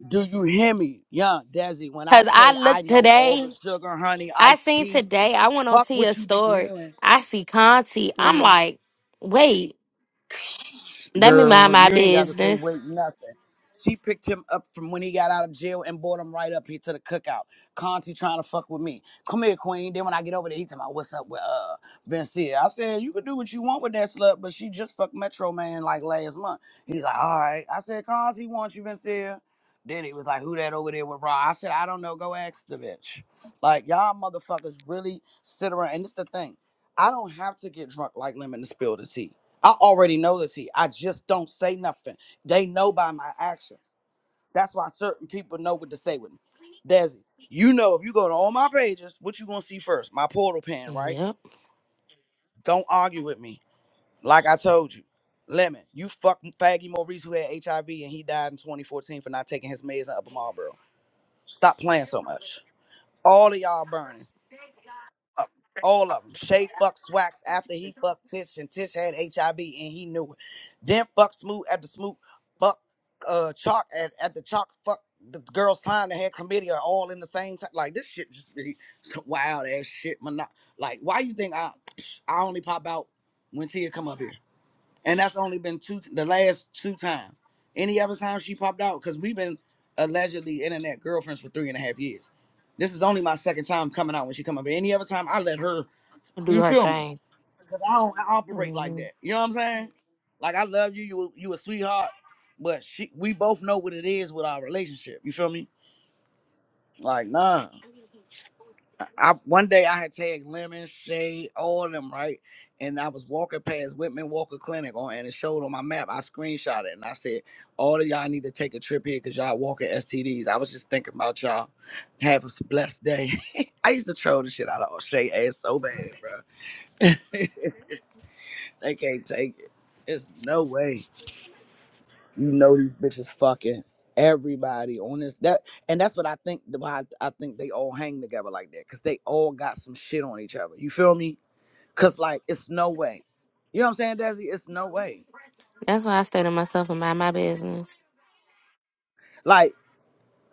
Do you hear me, young Desi? When I Cause I say I looked know all the today. sugar, honey, I iced seen tea, today. I went on fuck to what your you be store. hearing. I see Conti. I'm like, wait, let me mind Girl, my you ain't got to say business. wait nothing. She picked him up from when he got out of jail and brought him right up here to the cookout. Conti trying to fuck with me. Come here, Queen. Then when I get over there, he talking about what's up with uh Vincia. I said you could do what you want with that slut, but she just fucked Metro Man like last month. He's like, all right. I said Conti wants you, Vincia. Then he was like, who that over there with Raw? I said I don't know. Go ask the bitch. Like y'all motherfuckers really sit around. And it's the thing. I don't have to get drunk like lemon to spill the tea. I already know this here. I just don't say nothing. They know by my actions. That's why certain people know what to say with me. Desi, you know if you go to all my pages, what you gonna see first? My portal pen, right? Yep. Don't argue with me. Like I told you. Lemon, you fucking faggy Maurice who had HIV and he died in 2014 for not taking his meds in Upper Marlboro. Stop playing so much. All of y'all burning. All of them. Shay fucked Swax after he fucked Tish, and Tish had HIV and he knew it. Then fuck Smoot after Smoot fuck uh Chalk at, at the Chalk fuck the girl signed that had committee all in the same time. Like this shit just be some wild ass shit. Mono- like why you think I I only pop out when Tia come up here, and that's only been two the last two times. Any other time she popped out because we've been allegedly internet girlfriends for three and a half years. This is only my second time coming out when she come up. here. Any other time I let her Do you her feel me? thing. Because I don't I operate like hmm that. You know what I'm saying? Like I love you, you you a sweetheart, but she we both know what it is with our relationship. You feel me? Like nah. I, I- one day I had tagged Lemon, Shade, all of them, right? And I was walking past Whitman Walker Clinic on and it showed on my map. I screenshot it and I said, all of y'all need to take a trip here because y'all walking STDs. I was just thinking about y'all. Have a blessed day. <laughs> I used to troll the shit out of Shade ass so bad, bro. <laughs> They can't take it. It's no way. You know these bitches fucking everybody on this that and that's what I think why I, I think they all hang together like that. Cause they all got some shit on each other. You feel me? Cause like it's no way. You know what I'm saying, Desi? It's no way. That's why I stay to myself and mind my business. Like,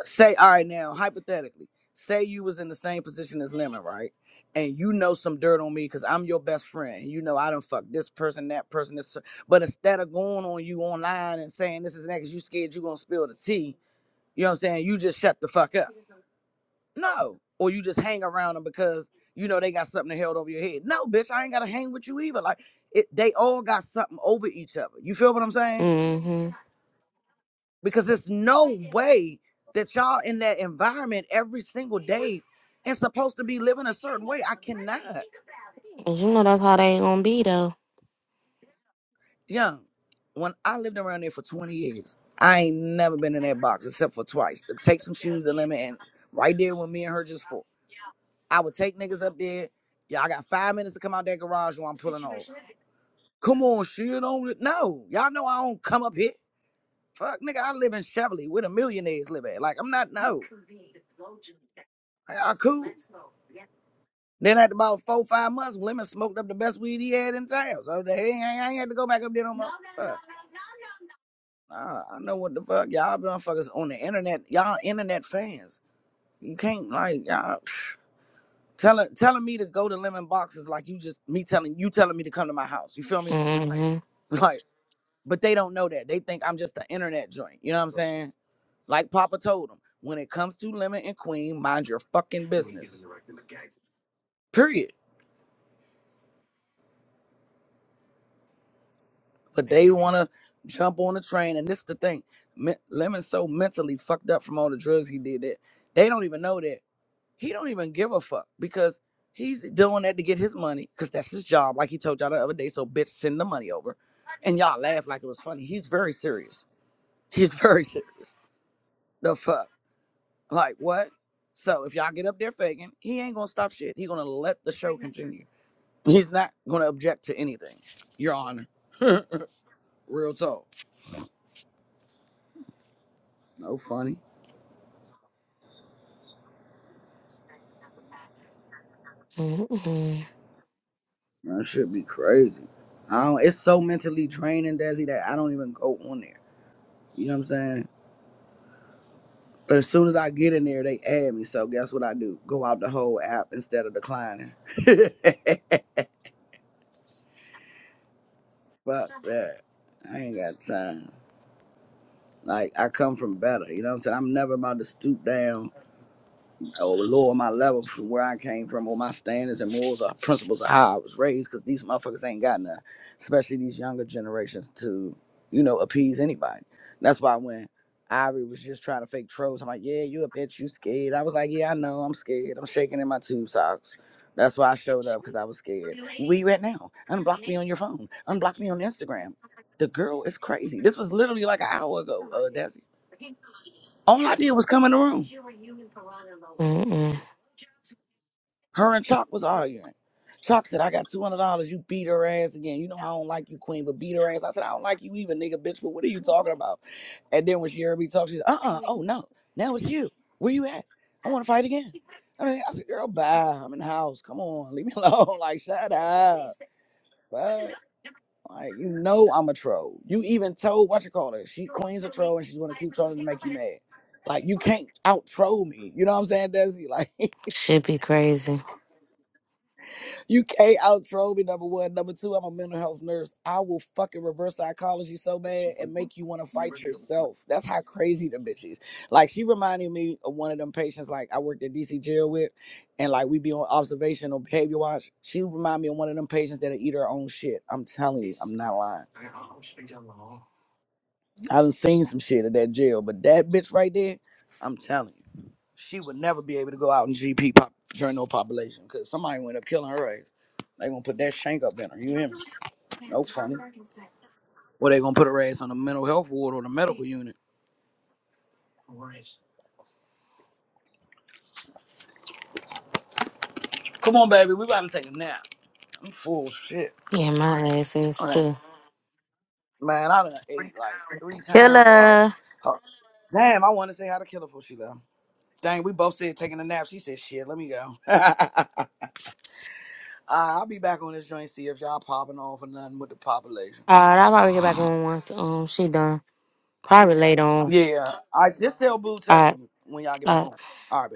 say, all right now, hypothetically, say you was in the same position as Lemon, right? And you know some dirt on me because I'm your best friend. You know I done fucked this person, that person, this. But instead of going on you online and saying this is that because you scared you gonna spill the tea, You know what I'm saying? You just shut the fuck up. No. Or you just hang around them because you know they got something held over your head. No, bitch, I ain't gotta hang with you either. Like it they all got something over each other. You feel what I'm saying? Mm-hmm. Because there's no way that y'all in that environment every single day and supposed to be living a certain way. I cannot. And you know that's how they gonna be though. Young, when I lived around there for 20 years, I ain't never been in that box except for twice. To take some shoes and lemon and right there when me and her just fought. I would take niggas up there. Y'all got five minutes to come out that garage or I'm pulling off. Come on, shit. not no, y'all know I don't come up here. Fuck, nigga, I live in Chevrolet where the millionaires live at. Like I'm not no. Like, Y'all cool. Then after about four, five months, Lemon smoked up the best weed he had in town. So they ain't, I ain't had to go back up there no more. Fuck. Nah, I know what the fuck. Y'all motherfuckers on the internet. Y'all internet fans. You can't like y'all Psh. telling telling me to go to Lemon Boxes like you just me telling you telling me to come to my house. You feel me? Mm-hmm. <laughs> Like. but they don't know that. They think I'm just an internet joint. You know what I'm saying? Like Papa told them, when it comes to Lemon and Queen, mind your fucking business. Period. But they want to jump on the train, and this is the thing: Me- Lemon's so mentally fucked up from all the drugs he did that they don't even know that he don't even give a fuck because he's doing that to get his money because that's his job. Like he told y'all the other day, so bitch, send the money over, and y'all laugh like it was funny. He's very serious. He's very <laughs> serious. The fuck. Like what? So if y'all get up there faking, he ain't gonna stop shit. He gonna let the show continue. He's not gonna object to anything. Your Honor, real talk. No funny. That should be crazy. I don't. It's so mentally draining, Desi, that I don't even go on there. You know what I'm saying? But as soon as I get in there, they add me. So guess what I do? Go out the whole app instead of declining. <laughs> Fuck that. I ain't got time. Like I come from better. You know what I'm saying? I'm never about to stoop down Oh lower my level from where I came from, or my standards and morals or principles of how I was raised, because these motherfuckers ain't got none, especially these younger generations to, you know, appease anybody. That's why when Ivory was just trying to fake trolls, I'm like, yeah, you a bitch, you scared. I was like, yeah, I know, I'm scared. I'm shaking in my tube socks. That's why I showed up, because I was scared. Where you at now? Unblock me on your phone. Unblock me on Instagram. The girl is crazy. This was literally like an hour ago, uh, Desi. All I did was come in the room. Mm-mm. Her and Chalk was arguing. Chalk said, I got $200. You beat her ass again. You know, I don't like you, queen, but beat her ass. I said, I don't like you either, nigga, bitch, but what are you talking about? And then when she heard me talk, she said, uh uh oh no, now it's you. Where you at? I want to fight again. I, mean, I said, girl, bye. I'm in the house. Come on, <laughs> leave me alone. <laughs> Like, shut up. But, like, you know, I'm a troll. You even told, what you call it? She, Queen's a troll and she's going to keep trolling to make you mad. Like, you can't out troll me. You know what I'm saying, Desi? Like, <laughs> Should be crazy. You can't out troll me, number one. Number two, I'm a mental health nurse. I will fucking reverse psychology so bad and make you want to fight yourself. That's how crazy the bitch is. Like, she reminded me of one of them patients, like, I worked at DC jail with, and like, we be on observation or behavior watch. She remind me of one of them patients that'll eat her own shit. I'm telling you, I'm not lying. I done seen some shit at that jail, but that bitch right there, I'm telling you, she would never be able to go out in GP pop, during no population because somebody went up killing her ass. They gonna put that shank up in her. You hear me? No funny. Well, they gonna put her ass on the mental health ward or the medical unit. Come on, baby, we about to take a nap. I'm full of shit. Yeah, my ass is All right, too. man, I done ate like three times already. Killer. Oh, damn, I want to say how to kill her before she left. Dang, we both said taking a nap. She said, "Shit, let me go." <laughs> uh, I'll be back on this joint. See if y'all popping off or nothing with the population. All right, I'll probably get back <sighs> on once um she done. Probably later on. Yeah, I just tell Boo All text right. me when y'all get All back right. home. All right, baby.